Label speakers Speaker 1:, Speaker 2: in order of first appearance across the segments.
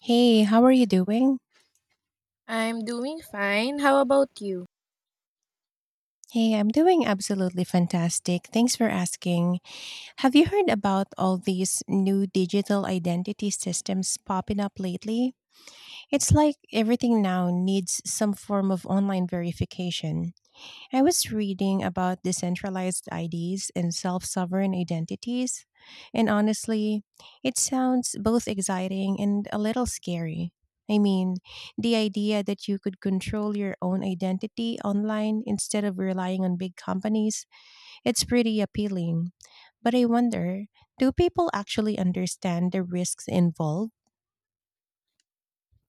Speaker 1: Hey, how are you doing?
Speaker 2: I'm doing fine. How about you?
Speaker 1: Hey, I'm doing absolutely fantastic. Thanks for asking. Have you heard about all these new digital identity systems popping up lately? It's like everything now needs some form of online verification. I was reading about decentralized IDs and self sovereign identities, and honestly, it sounds both exciting and a little scary. I mean, the idea that you could control your own identity online instead of relying on big companies, it's pretty appealing. But I wonder, do people actually understand the risks involved?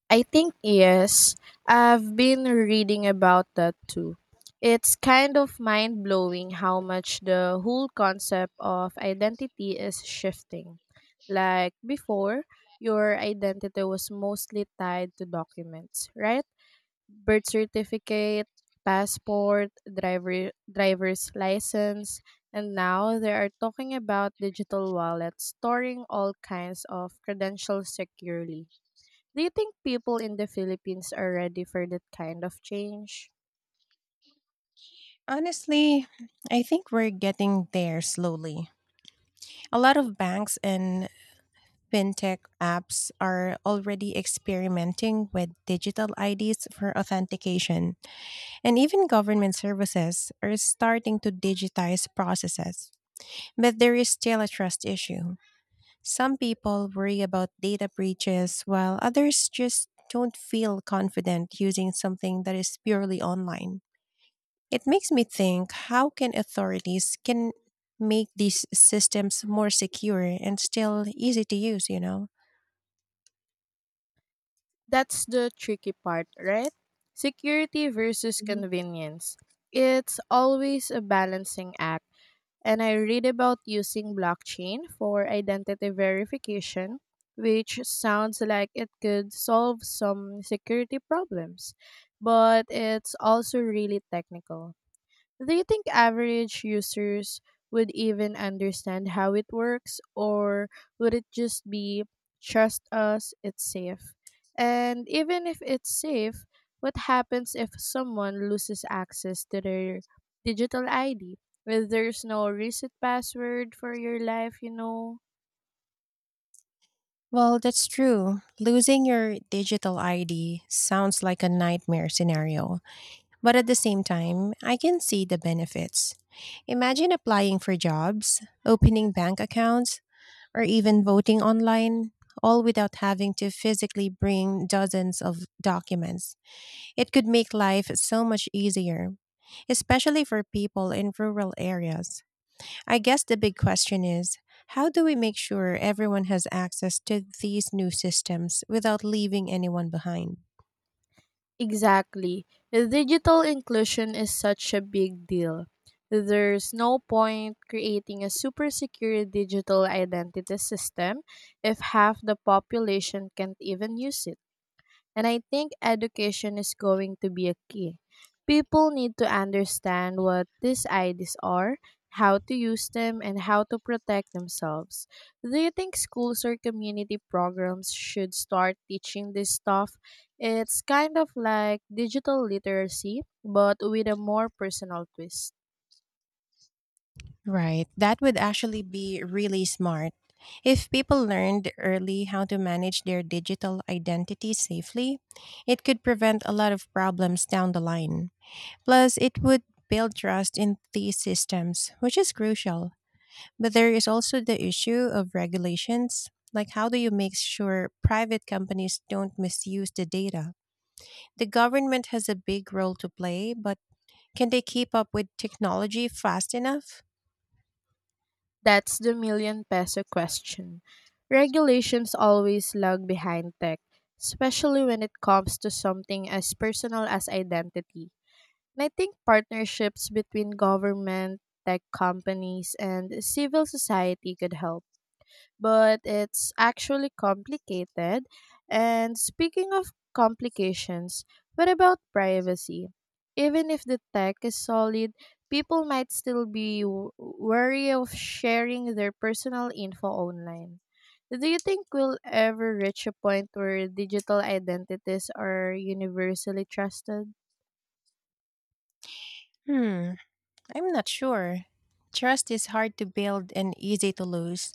Speaker 2: I think yes. I've been reading about that too. It's kind of mind blowing how much the whole concept of identity is shifting. Like before, your identity was mostly tied to documents, right? Birth certificate, passport, driver's license, and now they are talking about digital wallets storing all kinds of credentials securely. Do you think people in the Philippines are ready for that kind of change?
Speaker 1: Honestly, I think we're getting there slowly. A lot of banks and Fintech apps are already experimenting with digital IDs for authentication, and even government services are starting to digitize processes. But there is still a trust issue. Some people worry about data breaches, while others just don't feel confident using something that is purely online. It makes me think how can authorities can make these systems more secure and still easy to use, you know?
Speaker 2: That's the tricky part, right? Security versus convenience. It's always a balancing act. And I read about using blockchain for identity verification, which sounds like it could solve some security problems, but it's also really technical. Do you think average users would even understand how it works, or would it just be trust us, it's safe? And even if it's safe, what happens if someone loses access to their digital ID? Well, there's no reset password for your life, you know?
Speaker 1: Well, that's true. Losing your digital ID sounds like a nightmare scenario, but at the same time, I can see the benefits. Imagine applying for jobs, opening bank accounts, or even voting online, all without having to physically bring dozens of documents. It could make life so much easier, especially for people in rural areas. I guess the big question is, how do we make sure everyone has access to these new systems without leaving anyone behind?
Speaker 2: Exactly. Digital inclusion is such a big deal. There's no point creating a super secure digital identity system if half the population can't even use it. And I think education is going to be a key. People need to understand what these IDs are, how to use them, and how to protect themselves. Do you think schools or community programs should start teaching this stuff? It's kind of like digital literacy, but with a more personal twist.
Speaker 1: Right, that would actually be really smart. If people learned early how to manage their digital identity safely, it could prevent a lot of problems down the line. Plus, it would build trust in these systems, which is crucial. But there is also the issue of regulations. Like, how do you make sure private companies don't misuse the data? The government has a big role to play, but can they keep up with technology fast enough?
Speaker 2: That's the million peso question. Regulations always lag behind tech, especially when it comes to something as personal as identity. And I think partnerships between government, tech companies, and civil society could help, but it's actually complicated. And speaking of complications, what about privacy? Even if the tech is solid, people might still be wary of sharing their personal info online. Do you think we'll ever reach a point where digital identities are universally trusted?
Speaker 1: Hmm, I'm not sure. Trust is hard to build and easy to lose,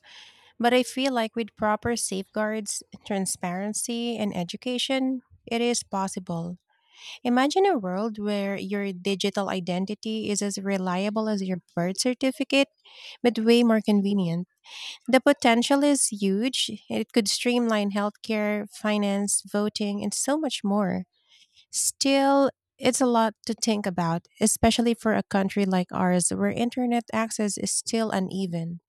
Speaker 1: but I feel like with proper safeguards, transparency, and education, it is possible. Imagine a world where your digital identity is as reliable as your birth certificate, but way more convenient. The potential is huge. It could streamline healthcare, finance, voting, and so much more. Still, it's a lot to think about, especially for a country like ours where internet access is still uneven.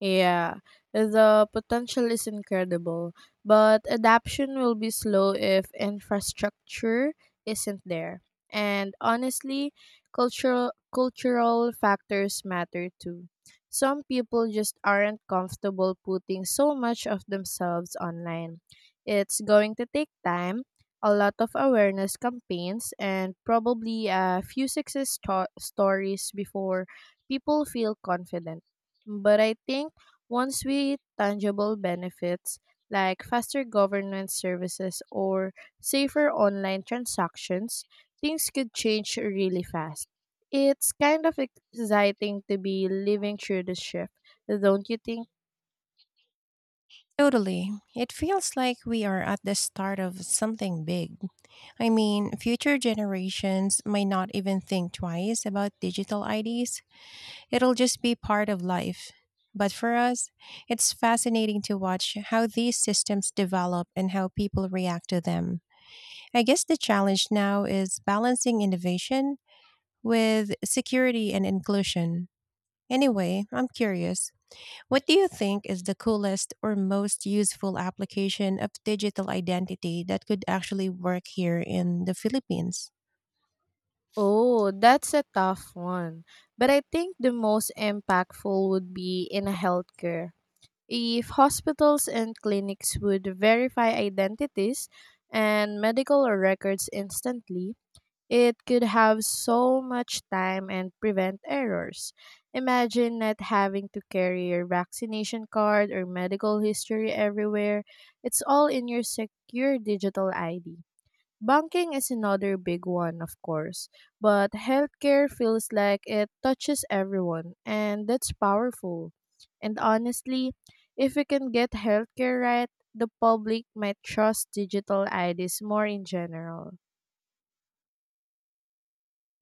Speaker 2: Yeah, the potential is incredible, but adaption will be slow if infrastructure isn't there. And honestly, cultural factors matter too. Some people just aren't comfortable putting so much of themselves online. It's going to take time, a lot of awareness campaigns, and probably a few success stories before people feel confident. But I think once we tangible benefits like faster governance services or safer online transactions, things could change really fast. It's kind of exciting to be living through the shift, don't you think?
Speaker 1: Totally. It feels like we are at the start of something big. I mean, future generations might not even think twice about digital IDs. It'll just be part of life. But for us, it's fascinating to watch how these systems develop and how people react to them. I guess the challenge now is balancing innovation with security and inclusion. Anyway, I'm curious. What do you think is the coolest or most useful application of digital identity that could actually work here in the Philippines?
Speaker 2: Oh, that's a tough one. But I think the most impactful would be in healthcare. If hospitals and clinics would verify identities and medical records instantly, it could have so much time and prevent errors. Imagine not having to carry your vaccination card or medical history everywhere. It's all in your secure digital ID. Banking is another big one, of course, but healthcare feels like it touches everyone, and that's powerful. And honestly, if we can get healthcare right, the public might trust digital IDs more in general.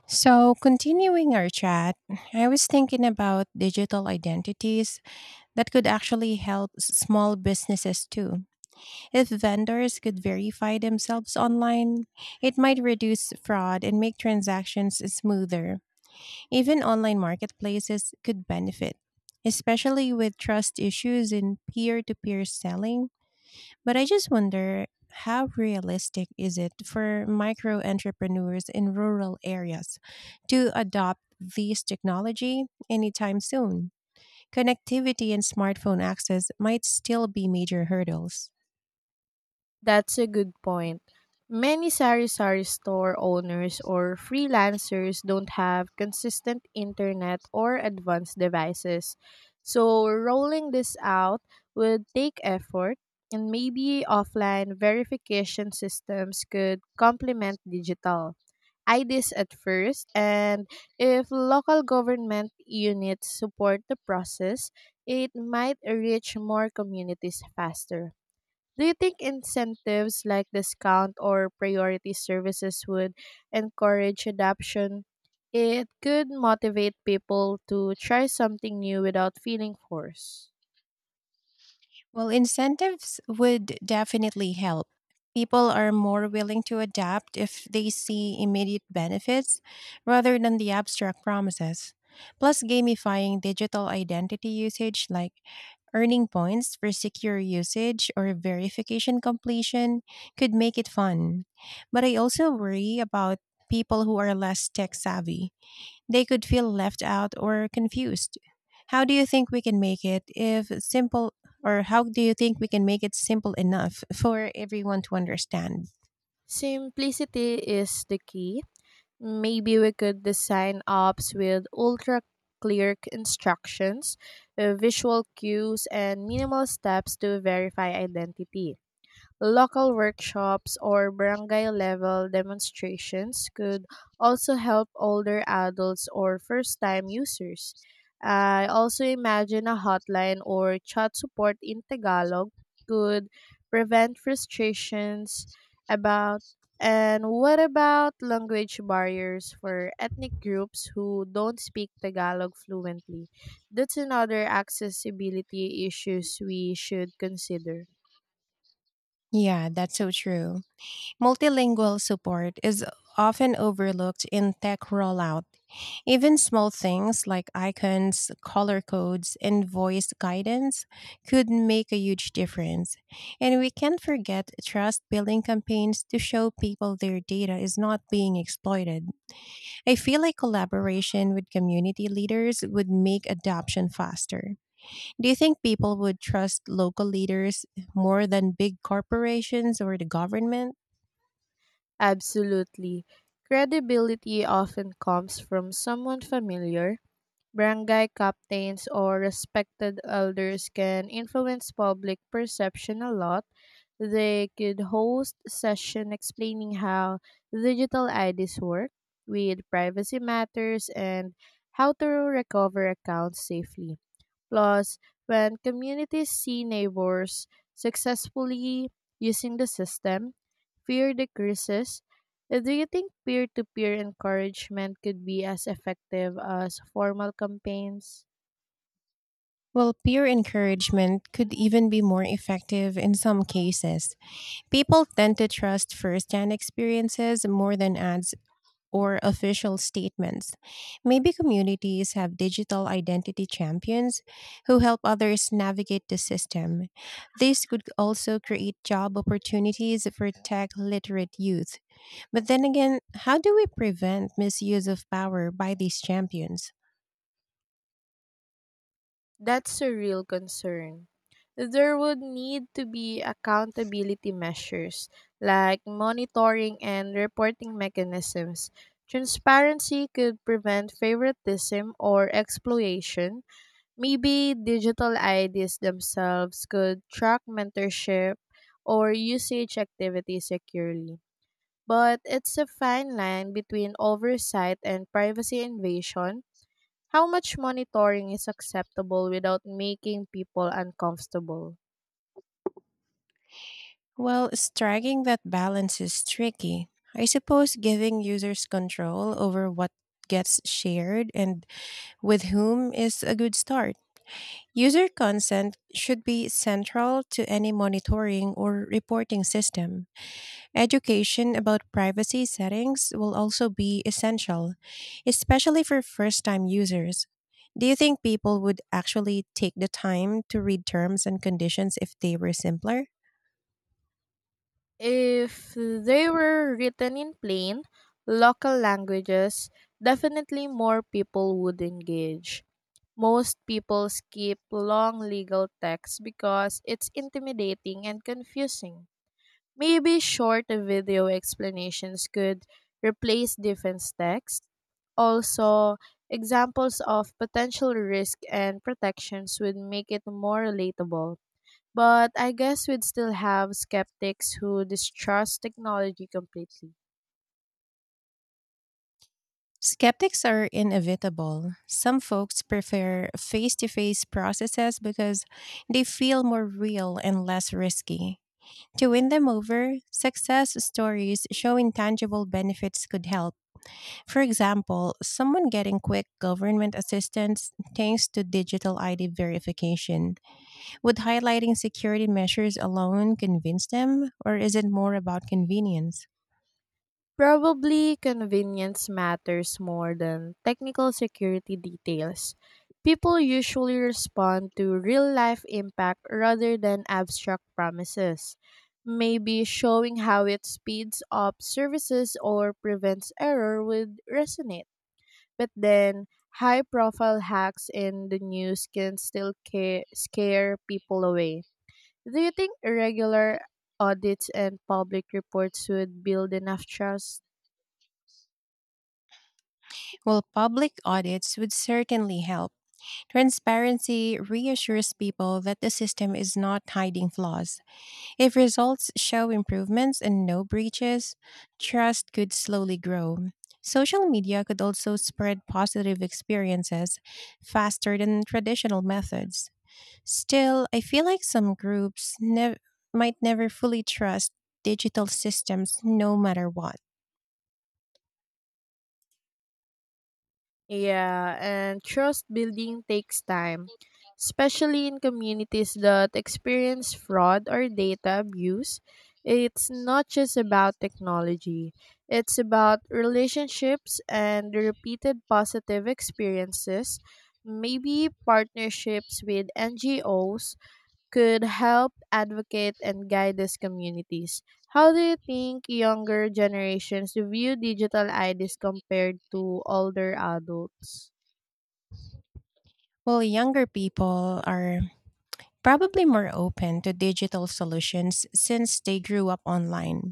Speaker 1: So, continuing our chat, I was thinking about digital identities that could actually help small businesses too. If vendors could verify themselves online, it might reduce fraud and make transactions smoother. Even online marketplaces could benefit, especially with trust issues in peer to peer selling. But I just wonder, how realistic is it for micro entrepreneurs in rural areas to adopt this technology anytime soon? Connectivity and smartphone access might still be major hurdles.
Speaker 2: That's a good point. Many sari-sari store owners or freelancers don't have consistent internet or advanced devices. So rolling this out would take effort, and maybe offline verification systems could complement digital IDs at first, and if local government units support the process, it might reach more communities faster. Do you think incentives like discount or priority services would encourage adoption? It could motivate people to try something new without feeling forced.
Speaker 1: Well, incentives would definitely help. People are more willing to adapt if they see immediate benefits rather than the abstract promises. Plus, gamifying digital identity usage like earning points for secure usage or verification completion could make it fun. But I also worry about people who are less tech savvy. They could feel left out or confused. How do you think we can make it if simple or how do you think we can make it simple enough for everyone to understand?
Speaker 2: Simplicity is the key. Maybe we could design apps with ultra clear instructions, visual cues, and minimal steps to verify identity. Local workshops or barangay level demonstrations could also help older adults or first time users. I also imagine a hotline or chat support in Tagalog could prevent frustrations about, and what about language barriers for ethnic groups who don't speak Tagalog fluently? That's another accessibility issues we should consider.
Speaker 1: Yeah, that's so true. Multilingual support is often overlooked in tech rollout. Even small things like icons, color codes, and voice guidance could make a huge difference. And we can't forget trust building campaigns to show people their data is not being exploited. I feel like collaboration with community leaders would make adoption faster. Do you think people would trust local leaders more than big corporations or the government?
Speaker 2: Absolutely. Credibility often comes from someone familiar. Barangay captains or respected elders can influence public perception a lot. They could host session explaining how digital IDs work, with privacy matters and how to recover accounts safely. Plus, when communities see neighbors successfully using the system, fear decreases. Do you think peer to peer encouragement could be as effective as formal campaigns?
Speaker 1: Well, peer encouragement could even be more effective in some cases. People tend to trust firsthand experiences more than ads or official statements. Maybe communities have digital identity champions who help others navigate the system. This could also create job opportunities for tech literate youth. But then again, how do we prevent misuse of power by these champions?
Speaker 2: That's a real concern. There would need to be accountability measures like monitoring and reporting mechanisms. Transparency could prevent favoritism or exploitation. Maybe digital IDs themselves could track mentorship or usage activity securely. But it's a fine line between oversight and privacy invasion. How much monitoring is acceptable without making people uncomfortable?
Speaker 1: Well, striking that balance is tricky. I suppose giving users control over what gets shared and with whom is a good start. User consent should be central to any monitoring or reporting system. Education about privacy settings will also be essential, especially for first time users. Do you think people would actually take the time to read terms and conditions if they were simpler?
Speaker 2: If they were written in plain, local languages, definitely more people would engage. Most people skip long legal texts because it's intimidating and confusing. Maybe short video explanations could replace defense text. Also, examples of potential risk and protections would make it more relatable. But I guess we'd still have skeptics who distrust technology completely.
Speaker 1: Skeptics are inevitable. Some folks prefer face to face processes because they feel more real and less risky. To win them over, success stories showing tangible benefits could help. For example, someone getting quick government assistance thanks to digital ID verification. Would highlighting security measures alone convince them, or is it more about convenience?
Speaker 2: Probably convenience matters more than technical security details. People usually respond to real life impact rather than abstract promises. Maybe showing how it speeds up services or prevents error would resonate. But then, high profile hacks in the news can still scare people away. Do you think regular audits and public reports would build enough trust?
Speaker 1: Well, public audits would certainly help. Transparency reassures people that the system is not hiding flaws. If results show improvements and no breaches, trust could slowly grow. Social media could also spread positive experiences faster than traditional methods. Still, I feel like some groups might never fully trust digital systems no matter what.
Speaker 2: Yeah, and trust building takes time, especially in communities that experience fraud or data abuse. It's not just about technology, it's about relationships and repeated positive experiences. Maybe partnerships with NGOs could help advocate and guide these communities. How do you think younger generations view digital IDs compared to older adults?
Speaker 1: While younger people are probably more open to digital solutions since they grew up online.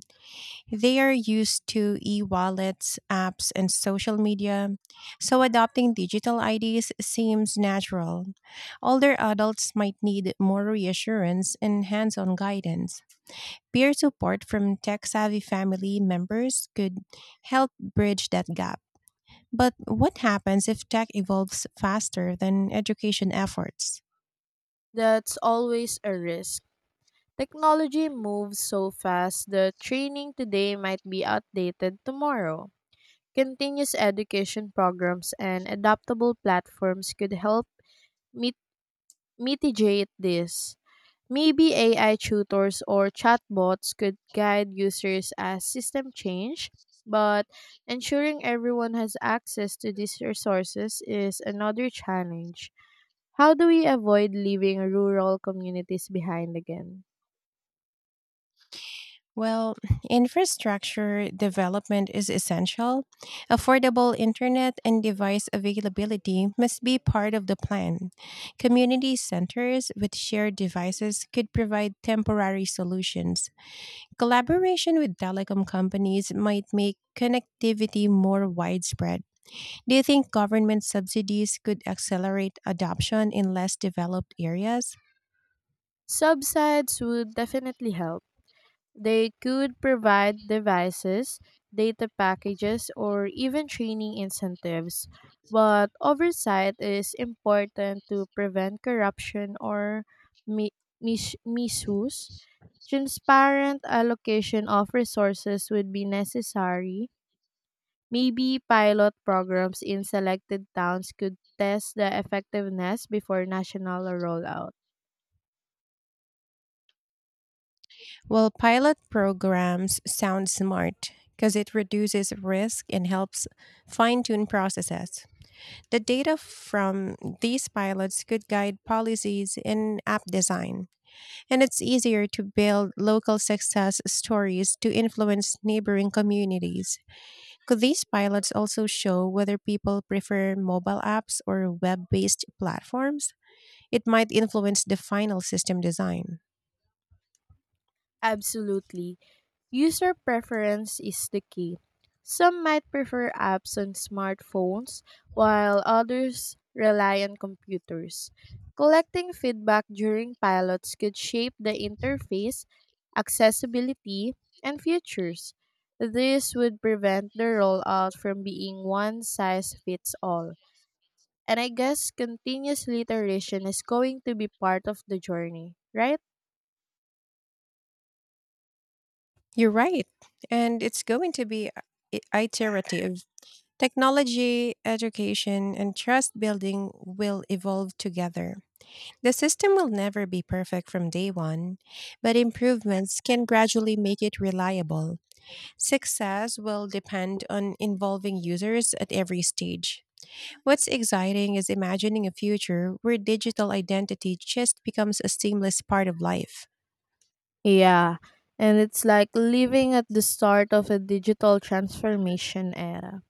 Speaker 1: They are used to e wallets, apps, and social media, so adopting digital IDs seems natural. Older adults might need more reassurance and hands on guidance. Peer support from tech savvy family members could help bridge that gap. But what happens if tech evolves faster than education efforts?
Speaker 2: That's always a risk. Technology moves so fast that training today might be outdated tomorrow. Continuous education programs and adaptable platforms could help mit- mitigate this. Maybe AI tutors or chatbots could guide users as system change, but ensuring everyone has access to these resources is another challenge. How do we avoid leaving rural communities behind again?
Speaker 1: Well, infrastructure development is essential. Affordable internet and device availability must be part of the plan. Community centers with shared devices could provide temporary solutions. Collaboration with telecom companies might make connectivity more widespread. Do you think government subsidies could accelerate adoption in less developed areas?
Speaker 2: Subsides would definitely help. They could provide devices, data packages, or even training incentives, but oversight is important to prevent corruption or misuse. Transparent allocation of resources would be necessary. Maybe pilot programs in selected towns could test the effectiveness before national rollout.
Speaker 1: Well, pilot programs sound smart because it reduces risk and helps fine tune processes. The data from these pilots could guide policies and app design, and it's easier to build local success stories to influence neighboring communities. Could these pilots also show whether people prefer mobile apps or web based platforms? It might influence the final system design.
Speaker 2: Absolutely. User preference is the key. Some might prefer apps on smartphones, while others rely on computers. Collecting feedback during pilots could shape the interface, accessibility, and features. This would prevent the rollout from being one size fits all. And I guess continuous iteration is going to be part of the journey, right?
Speaker 1: You're right. And it's going to be iterative. Technology, education, and trust building will evolve together. The system will never be perfect from day one, but improvements can gradually make it reliable. Success will depend on involving users at every stage. What's exciting is imagining a future where digital identity just becomes a seamless part of life.
Speaker 2: Yeah, and it's like living at the start of a digital transformation era.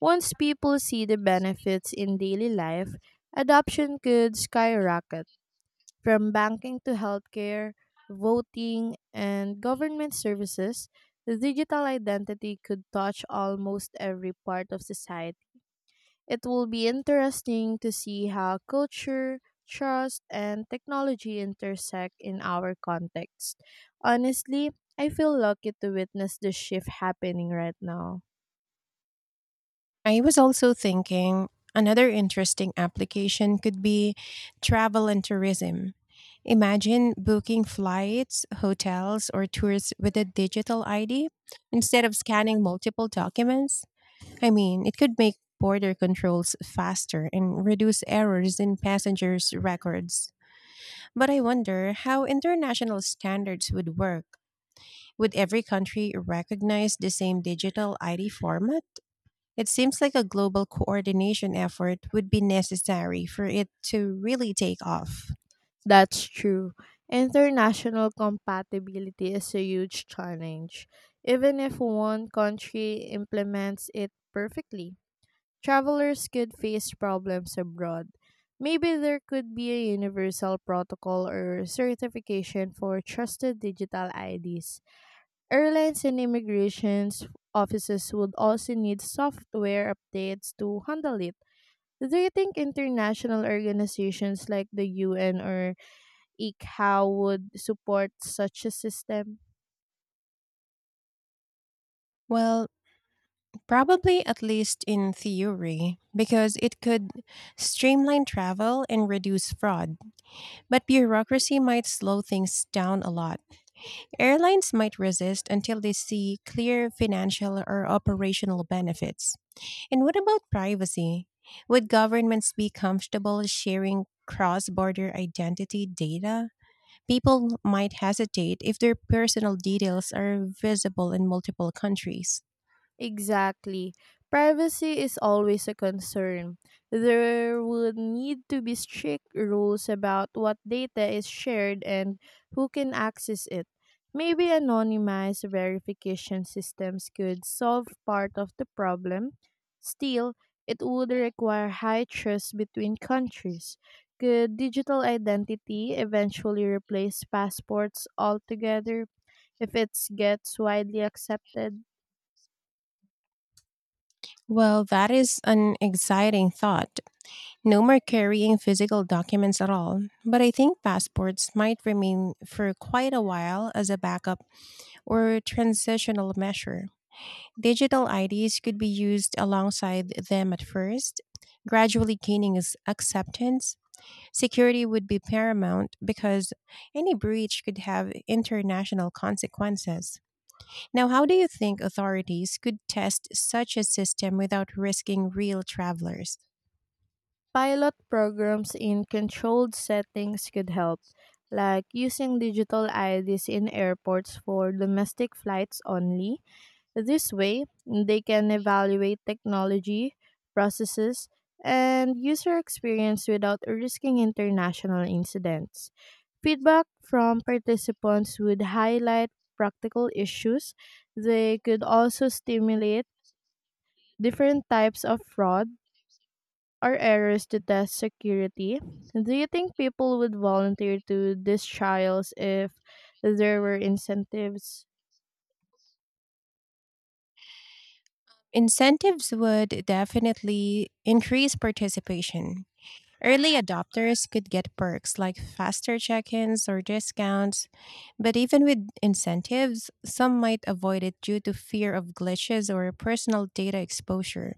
Speaker 2: Once people see the benefits in daily life, adoption could skyrocket from banking to healthcare, voting, and government services. The digital identity could touch almost every part of society. It will be interesting to see how culture, trust, and technology intersect in our context. Honestly, I feel lucky to witness this shift happening right now.
Speaker 1: I was also thinking another interesting application could be travel and tourism. Imagine booking flights, hotels, or tours with a digital ID instead of scanning multiple documents. I mean, it could make border controls faster and reduce errors in passengers' records. But I wonder how international standards would work. Would every country recognize the same digital ID format? It seems like a global coordination effort would be necessary for it to really take off.
Speaker 2: That's true. International compatibility is a huge challenge. Even if one country implements it perfectly, travelers could face problems abroad. Maybe there could be a universal protocol or certification for trusted digital IDs. Airlines and immigration offices would also need software updates to handle it. Do you think international organizations like the UN or ICAO would support such a system?
Speaker 1: Well, probably at least in theory, because it could streamline travel and reduce fraud. But bureaucracy might slow things down a lot. Airlines might resist until they see clear financial or operational benefits. And what about privacy? Would governments be comfortable sharing cross border identity data? People might hesitate if their personal details are visible in multiple countries.
Speaker 2: Exactly. Privacy is always a concern. There would need to be strict rules about what data is shared and who can access it. Maybe anonymized verification systems could solve part of the problem. Still, it would require high trust between countries. Could digital identity eventually replace passports altogether if it gets widely accepted?
Speaker 1: Well, that is an exciting thought. No more carrying physical documents at all. But I think passports might remain for quite a while as a backup or transitional measure. Digital IDs could be used alongside them at first, gradually gaining its acceptance. Security would be paramount because any breach could have international consequences. Now, how do you think authorities could test such a system without risking real travelers?
Speaker 2: Pilot programs in controlled settings could help, like using digital IDs in airports for domestic flights only. This way, they can evaluate technology, processes, and user experience without risking international incidents. Feedback from participants would highlight practical issues. They could also stimulate different types of fraud or errors to test security. Do you think people would volunteer to these trials if there were incentives?
Speaker 1: Incentives would definitely increase participation. Early adopters could get perks like faster check ins or discounts, but even with incentives, some might avoid it due to fear of glitches or personal data exposure.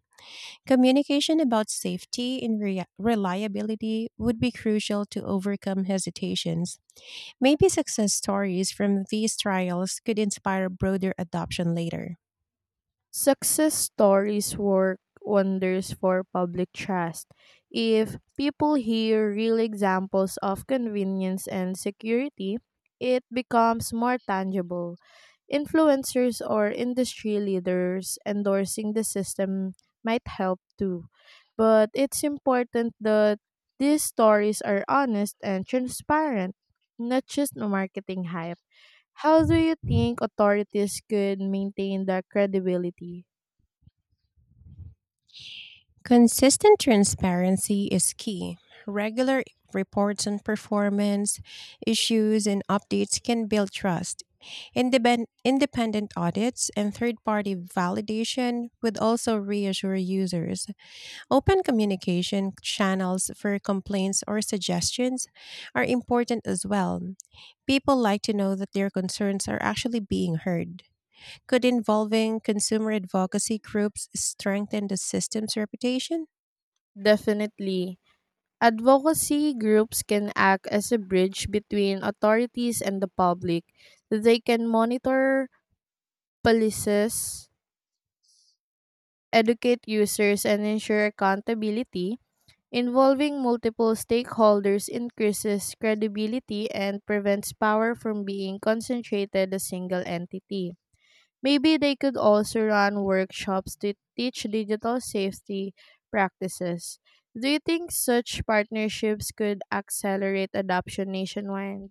Speaker 1: Communication about safety and rea reliability would be crucial to overcome hesitations. Maybe success stories from these trials could inspire broader adoption later.
Speaker 2: Success stories work wonders for public trust. If people hear real examples of convenience and security, it becomes more tangible. Influencers or industry leaders endorsing the system might help too. But it's important that these stories are honest and transparent, not just marketing hype. How do you think authorities could maintain their credibility?
Speaker 1: Consistent transparency is key. Regular reports on performance, issues, and updates can build trust. Independent audits and third party validation would also reassure users. Open communication channels for complaints or suggestions are important as well. People like to know that their concerns are actually being heard. Could involving consumer advocacy groups strengthen the system's reputation?
Speaker 2: Definitely. Advocacy groups can act as a bridge between authorities and the public. They can monitor policies, educate users, and ensure accountability. Involving multiple stakeholders increases credibility and prevents power from being concentrated in a single entity. Maybe they could also run workshops to teach digital safety practices. Do you think such partnerships could accelerate adoption nationwide?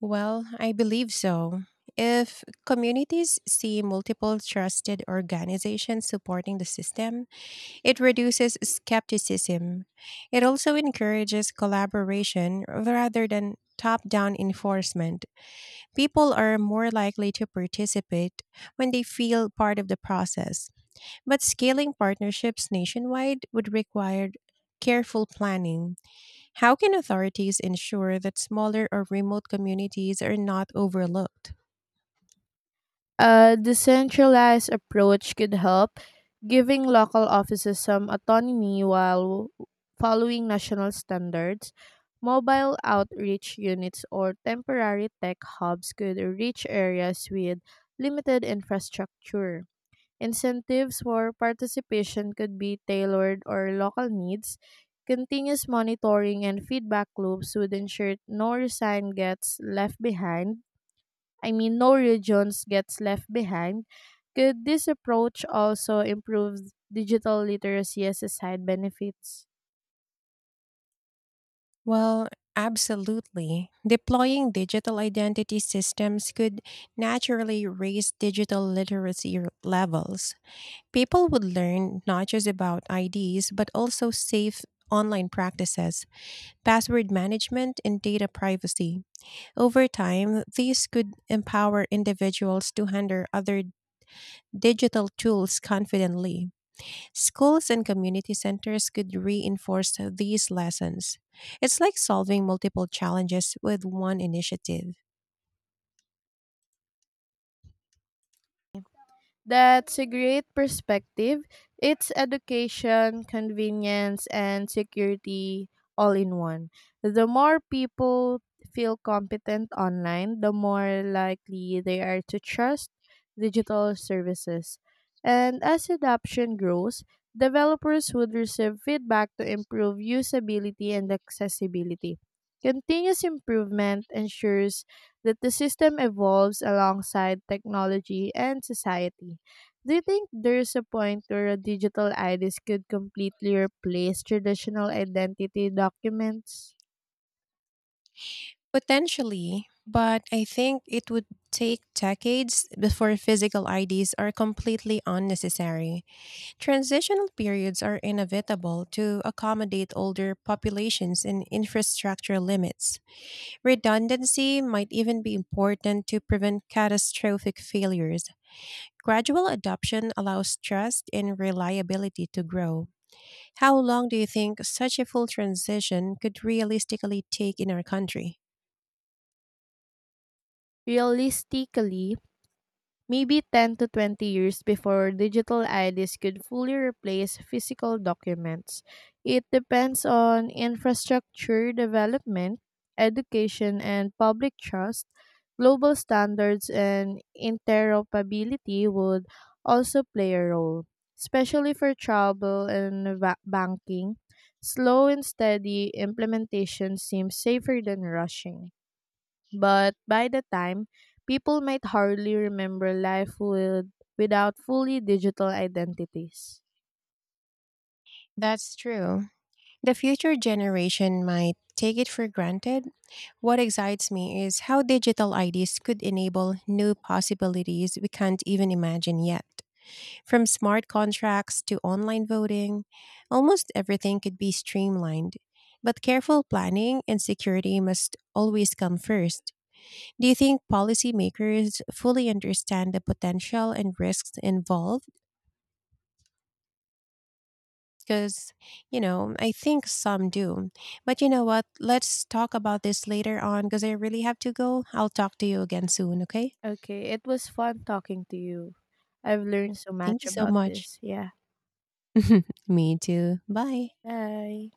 Speaker 1: Well, I believe so. If communities see multiple trusted organizations supporting the system, it reduces skepticism. It also encourages collaboration rather than top down enforcement. People are more likely to participate when they feel part of the process. But scaling partnerships nationwide would require careful planning. How can authorities ensure that smaller or remote communities are not overlooked?
Speaker 2: A decentralized approach could help, giving local offices some autonomy while following national standards. Mobile outreach units or temporary tech hubs could reach areas with limited infrastructure. Incentives for participation could be tailored or local needs. Continuous monitoring and feedback loops would ensure no region gets left behind. I mean, no regions gets left behind. Could this approach also improve digital literacy as a side benefits?
Speaker 1: Well, absolutely. Deploying digital identity systems could naturally raise digital literacy levels. People would learn not just about IDs, but also safe online practices, password management, and data privacy. Over time, these could empower individuals to handle other digital tools confidently. Schools and community centers could reinforce these lessons. It's like solving multiple challenges with one initiative.
Speaker 2: That's a great perspective. It's education, convenience, and security all in one. The more people feel competent online, the more likely they are to trust digital services. And as adoption grows, developers would receive feedback to improve usability and accessibility. Continuous improvement ensures that the system evolves alongside technology and society. Do you think there's a point where a digital IDs could completely replace traditional identity documents?
Speaker 1: Potentially, but I think it would take decades before physical IDs are completely unnecessary. Transitional periods are inevitable to accommodate older populations and infrastructure limits. Redundancy might even be important to prevent catastrophic failures. Gradual adoption allows trust and reliability to grow. How long do you think such a full transition could realistically take in our country?
Speaker 2: Realistically, maybe 10 to 20 years before digital IDs could fully replace physical documents. It depends on infrastructure development, education, and public trust. Global standards and interoperability would also play a role, especially for travel and banking. Slow and steady implementation seems safer than rushing. But by the time, people might hardly remember life with, without fully digital identities.
Speaker 1: That's true. The future generation might take it for granted. What excites me is how digital IDs could enable new possibilities we can't even imagine yet. From smart contracts to online voting, almost everything could be streamlined. But careful planning and security must always come first. Do you think policymakers fully understand the potential and risks involved? Because, you know, I think some do. But you know what? Let's talk about this later on because I really have to go. I'll talk to you again soon, okay?
Speaker 2: Okay, it was fun talking to you. I've learned so
Speaker 1: Thank
Speaker 2: much
Speaker 1: you so
Speaker 2: about
Speaker 1: much.
Speaker 2: this. Yeah.
Speaker 1: Me too. Bye.
Speaker 2: Bye.